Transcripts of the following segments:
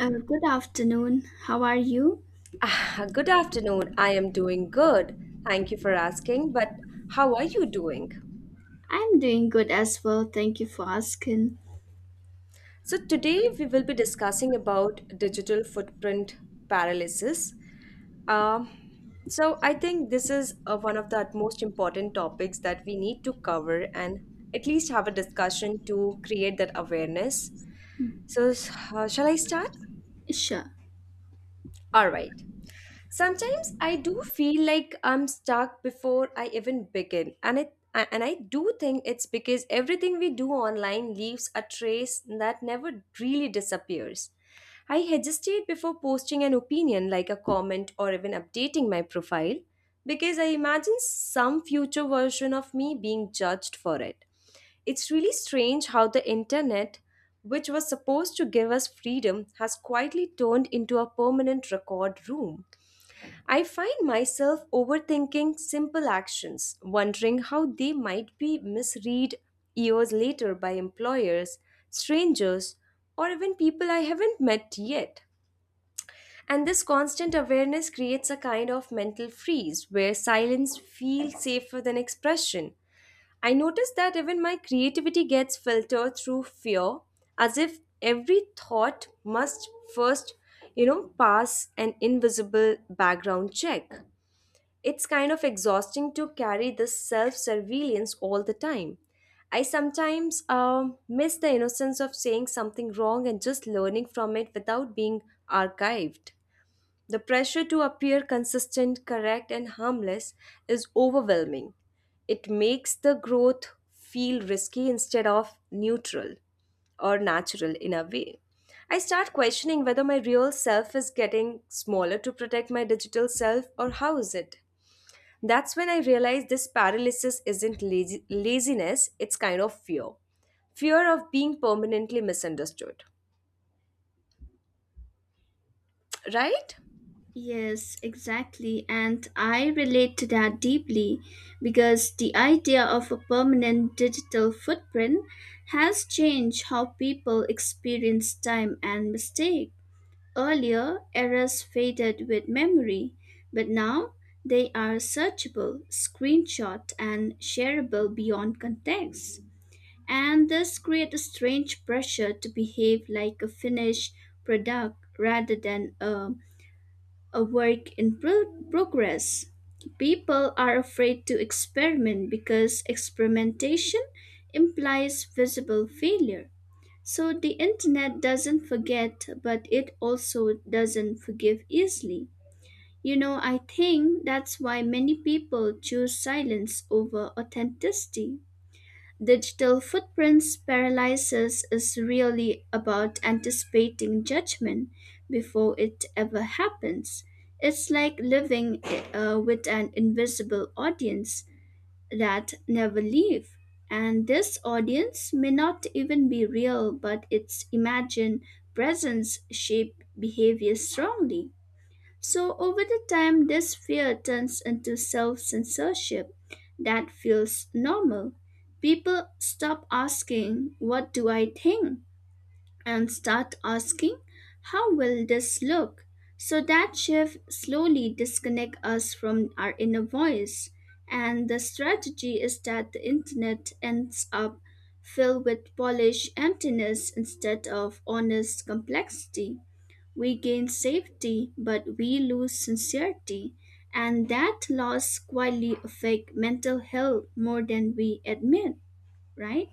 Good afternoon. How are you? Ah, good afternoon. I am doing good. Thank you for asking, but how are you doing? I'm doing good as well. Thank you for asking. So today we will be discussing about digital footprint paralysis. Um, so I think this is one of the most important topics that we need to cover and at least have a discussion to create that awareness. So, Shall I start? Sure. All right. Sometimes I do feel like I'm stuck before I even begin, and I do think it's because everything we do online leaves a trace that never really disappears. I hesitate before posting an opinion like a comment or even updating my profile because I imagine some future version of me being judged for it. It's really strange how the internet, which was supposed to give us freedom, has quietly turned into a permanent record room. I find myself overthinking simple actions, wondering how they might be misread years later by employers, strangers, or even people I haven't met yet. And this constant awareness creates a kind of mental freeze where silence feels safer than expression. I notice that even my creativity gets filtered through fear, as if every thought must first pass an invisible background check. It's kind of exhausting to carry this self surveillance all the time. I sometimes miss the innocence of saying something wrong and just learning from it without being archived. The pressure to appear consistent, correct, and harmless is overwhelming. It makes the growth feel risky instead of neutral or natural in a way. I start questioning whether my real self is getting smaller to protect my digital self or how is it? That's when I realized this paralysis isn't laziness, it's kind of fear. Fear of being permanently misunderstood. Right? Yes, exactly. And I relate to that deeply because the idea of a permanent digital footprint has changed how people experience time and mistake. Earlier, errors faded with memory, but now they are searchable, screenshot, and shareable beyond context. And this creates a strange pressure to behave like a finished product rather than a work in progress. People are afraid to experiment because experimentation implies visible failure. So the internet doesn't forget, but it also doesn't forgive easily. You know, I think that's why many people choose silence over authenticity. Digital footprints paralysis is really about anticipating judgment before it ever happens. It's like living with an invisible audience that never leave. And this audience may not even be real, but its imagined presence shape behavior strongly. So, over the time, this fear turns into self censorship that feels normal. People stop asking, "What do I think?" and start asking, "How will this look?" So, that shift slowly disconnects us from our inner voice. And the strategy is that the internet ends up filled with polished emptiness instead of honest complexity. We gain safety, but we lose sincerity, and that loss quietly affect mental health more than we admit, right?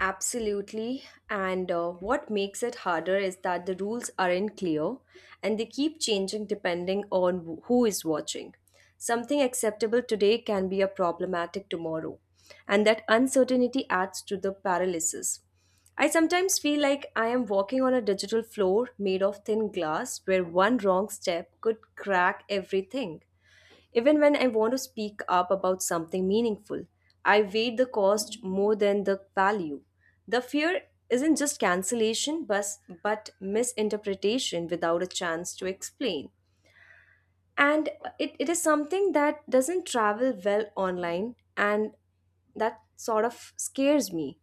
Absolutely. And what makes it harder is that the rules aren't clear and they keep changing depending on who is watching. Something acceptable today can be a problematic tomorrow, and that uncertainty adds to the paralysis. I sometimes feel like I am walking on a digital floor made of thin glass where one wrong step could crack everything. Even when I want to speak up about something meaningful, I weigh the cost more than the value. The fear isn't just cancellation, but misinterpretation without a chance to explain. And it is something that doesn't travel well online, and that sort of scares me.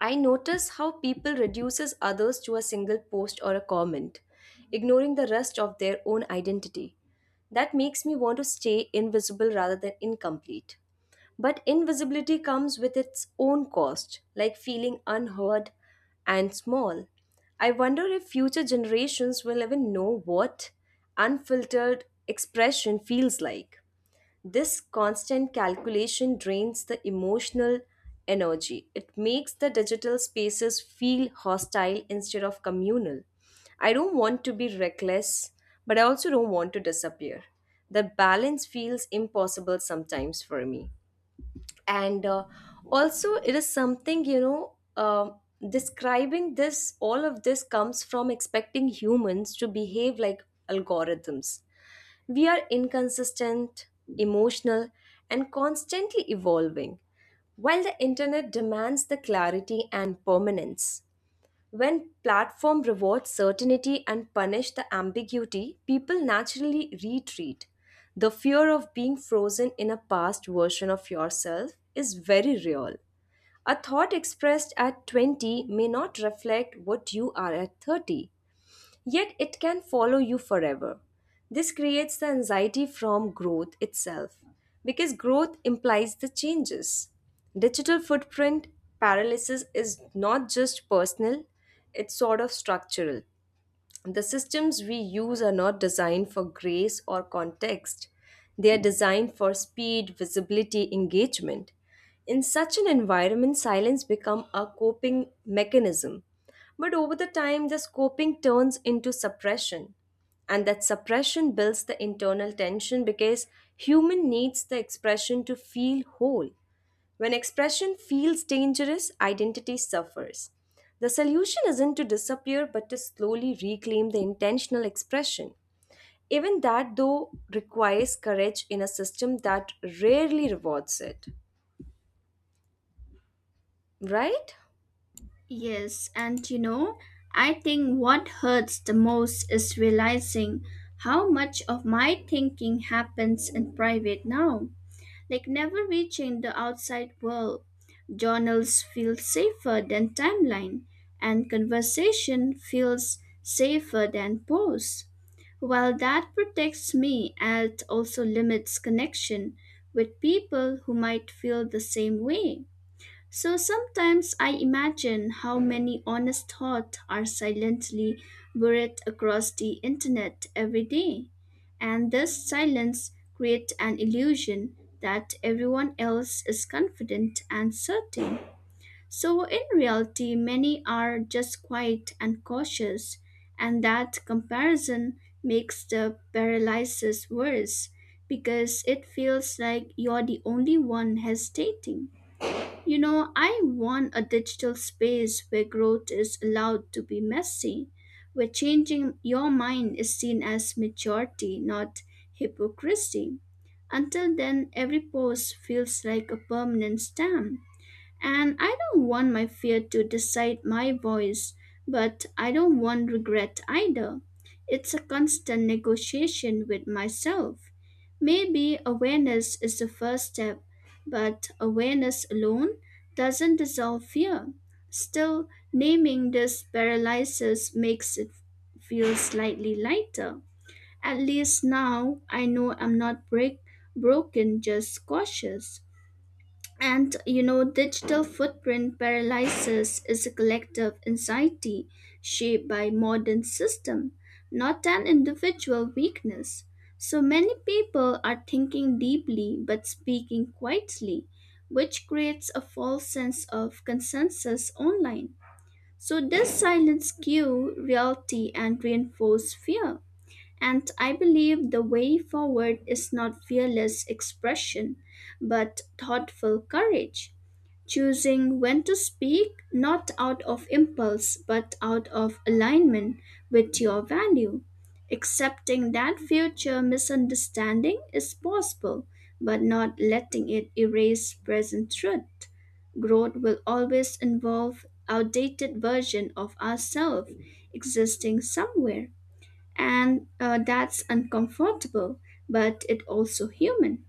I notice how people reduces others to a single post or a comment, ignoring the rest of their own identity. That makes me want to stay invisible rather than incomplete. But invisibility comes with its own cost, like feeling unheard and small. I wonder if future generations will even know what unfiltered expression feels like. This constant calculation drains the emotional energy. It makes the digital spaces feel hostile instead of communal. I don't want to be reckless, but I also don't want to disappear. The balance feels impossible sometimes for me. And also, it is something, describing this, all of this comes from expecting humans to behave like algorithms. We are inconsistent, emotional, and constantly evolving, while the internet demands the clarity and permanence. When platform rewards certainty and punish the ambiguity, people naturally retreat. The fear of being frozen in a past version of yourself is very real. A thought expressed at 20 may not reflect what you are at 30, yet it can follow you forever. This creates the anxiety from growth itself because growth implies the changes. Digital footprint paralysis is not just personal, it's sort of structural. The systems we use are not designed for grace or context. They are designed for speed, visibility, engagement. In such an environment, silence becomes a coping mechanism. But over the time, this coping turns into suppression. And that suppression builds the internal tension because human needs the expression to feel whole. When expression feels dangerous, identity suffers. The solution isn't to disappear but to slowly reclaim the intentional expression. Even that, though, requires courage in a system that rarely rewards it. Right? Yes, and you know, I think what hurts the most is realizing how much of my thinking happens in private now, like never reaching the outside world. Journals feel safer than timeline, and conversation feels safer than prose. While that protects me, it also limits connection with people who might feel the same way. So sometimes I imagine how many honest thoughts are silently buried across the internet every day. And this silence creates an illusion that everyone else is confident and certain. So in reality, many are just quiet and cautious, and that comparison makes the paralysis worse because it feels like you're the only one hesitating. You know, I want a digital space where growth is allowed to be messy, where changing your mind is seen as maturity, not hypocrisy. Until then, every post feels like a permanent stamp. And I don't want my fear to decide my voice, but I don't want regret either. It's a constant negotiation with myself. Maybe awareness is the first step, but awareness alone doesn't dissolve fear. Still, naming this paralysis makes it feel slightly lighter. At least now I know I'm not broken, just cautious. And you know, digital footprint paralysis is a collective anxiety shaped by modern system, not an individual weakness. So many people are thinking deeply but speaking quietly, which creates a false sense of consensus online. So this silence skew reality and reinforce fear. And I believe the way forward is not fearless expression, but thoughtful courage, choosing when to speak not out of impulse but out of alignment with your value, accepting that future misunderstanding is possible but not letting it erase present truth. Growth will always involve outdated version of ourselves existing somewhere, and that's uncomfortable but it also human,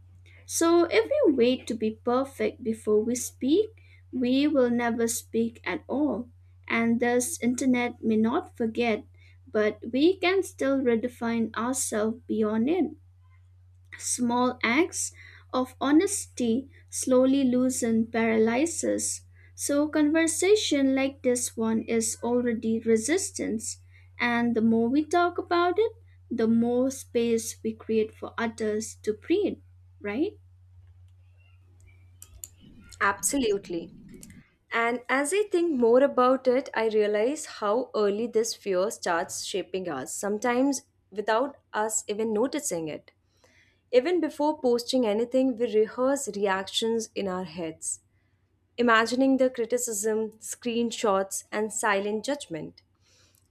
so if we wait to be perfect before we speak, we will never speak at all. And thus internet may not forget, but we can still redefine ourselves beyond it. Small acts of honesty slowly loosen paralyzes. So conversation like this one is already resistance. And the more we talk about it, the more space we create for others to breathe, right? Absolutely. And as I think more about it, I realize how early this fear starts shaping us, sometimes without us even noticing it. Even before posting anything, we rehearse reactions in our heads, imagining the criticism, screenshots, and silent judgment.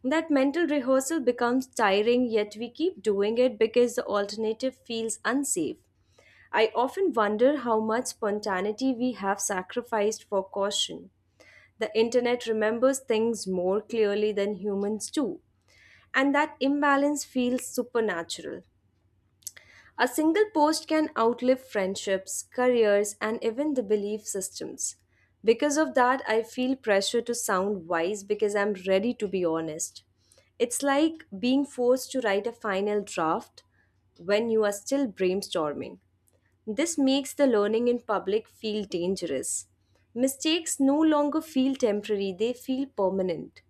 That mental rehearsal becomes tiring, yet we keep doing it because the alternative feels unsafe. I often wonder how much spontaneity we have sacrificed for caution. The internet remembers things more clearly than humans do, and that imbalance feels supernatural. A single post can outlive friendships, careers, and even the belief systems. Because of that, I feel pressure to sound wise because I'm ready to be honest. It's like being forced to write a final draft when you are still brainstorming. This makes the learning in public feel dangerous. Mistakes no longer feel temporary, they feel permanent.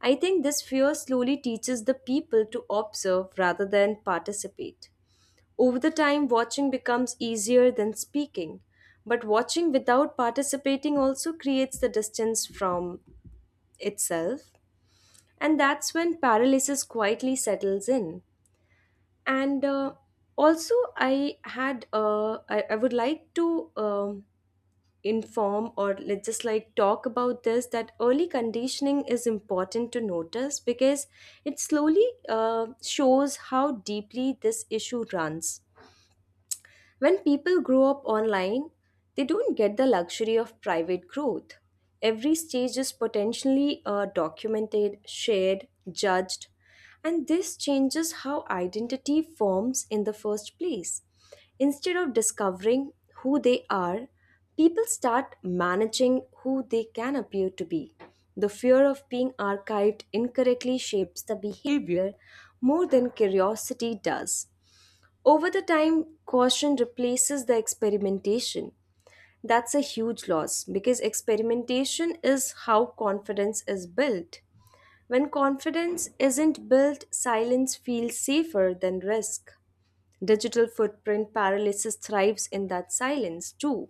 I think this fear slowly teaches the people to observe rather than participate. Over the time, watching becomes easier than speaking, but watching without participating also creates the distance from itself, and that's when paralysis quietly settles in. And also, I had I would like to inform or let's just like talk about this that early conditioning is important to notice because it slowly shows how deeply this issue runs. When people grow up online, they don't get the luxury of private growth. Every stage is potentially documented, shared, judged, and this changes how identity forms in the first place. Instead of discovering who they are, people start managing who they can appear to be. The fear of being archived incorrectly shapes the behavior more than curiosity does. Over the time, caution replaces the experimentation. That's a huge loss because experimentation is how confidence is built. When confidence isn't built, silence feels safer than risk. Digital footprint paralysis thrives in that silence too.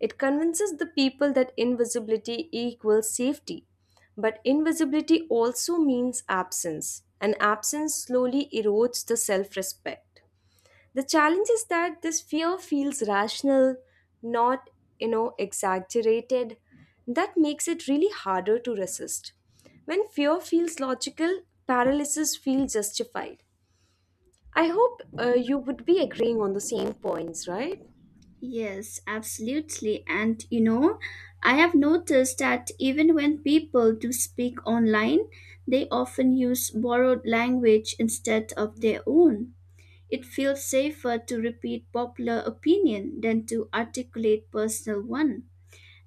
It convinces the people that invisibility equals safety. But invisibility also means absence, and absence slowly erodes the self respect. The challenge is that this fear feels rational, not, you know, exaggerated. That makes it really harder to resist. When fear feels logical, paralysis feels justified. I hope you would be agreeing on the same points, right? Yes, absolutely. And you know, I have noticed that even when people do speak online, they often use borrowed language instead of their own. It feels safer to repeat popular opinion than to articulate personal one.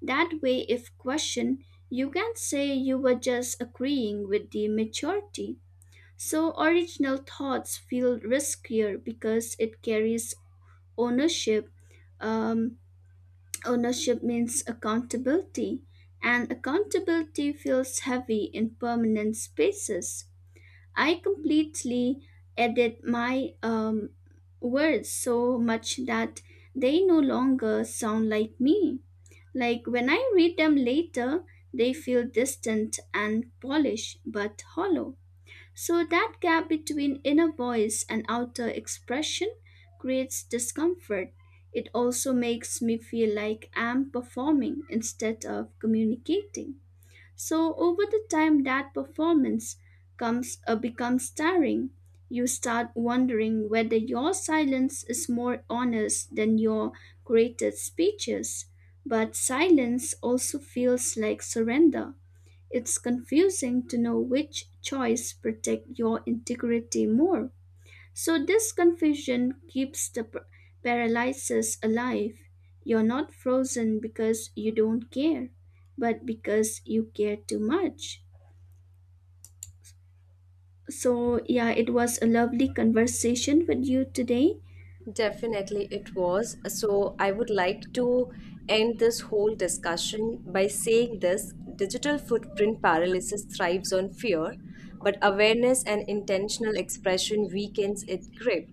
That way, if questioned, you can say you were just agreeing with the majority. So, original thoughts feel riskier because it carries ownership. Um, Ownership means accountability, and accountability feels heavy in permanent spaces. I completely edit my words so much that they no longer sound like me. Like when I read them later, they feel distant and polished but hollow. So that gap between inner voice and outer expression creates discomfort. It also makes me feel like I'm performing instead of communicating. So over the time that performance comes becomes tiring. You start wondering whether your silence is more honest than your created speeches. But silence also feels like surrender. It's confusing to know which choice protect your integrity more. So this confusion keeps the paralysis alive. You're not frozen because you don't care, but because you care too much. So yeah, it was a lovely conversation with you today. Definitely it was. So I would like to end this whole discussion by saying this digital footprint paralysis thrives on fear, but awareness and intentional expression weakens its grip.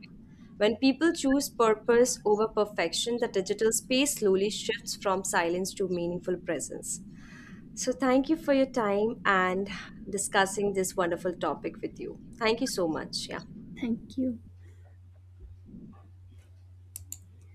When people choose purpose over perfection, the digital space slowly shifts from silence to meaningful presence. So thank you for your time and discussing this wonderful topic with you. Thank you so much. Yeah. Thank you.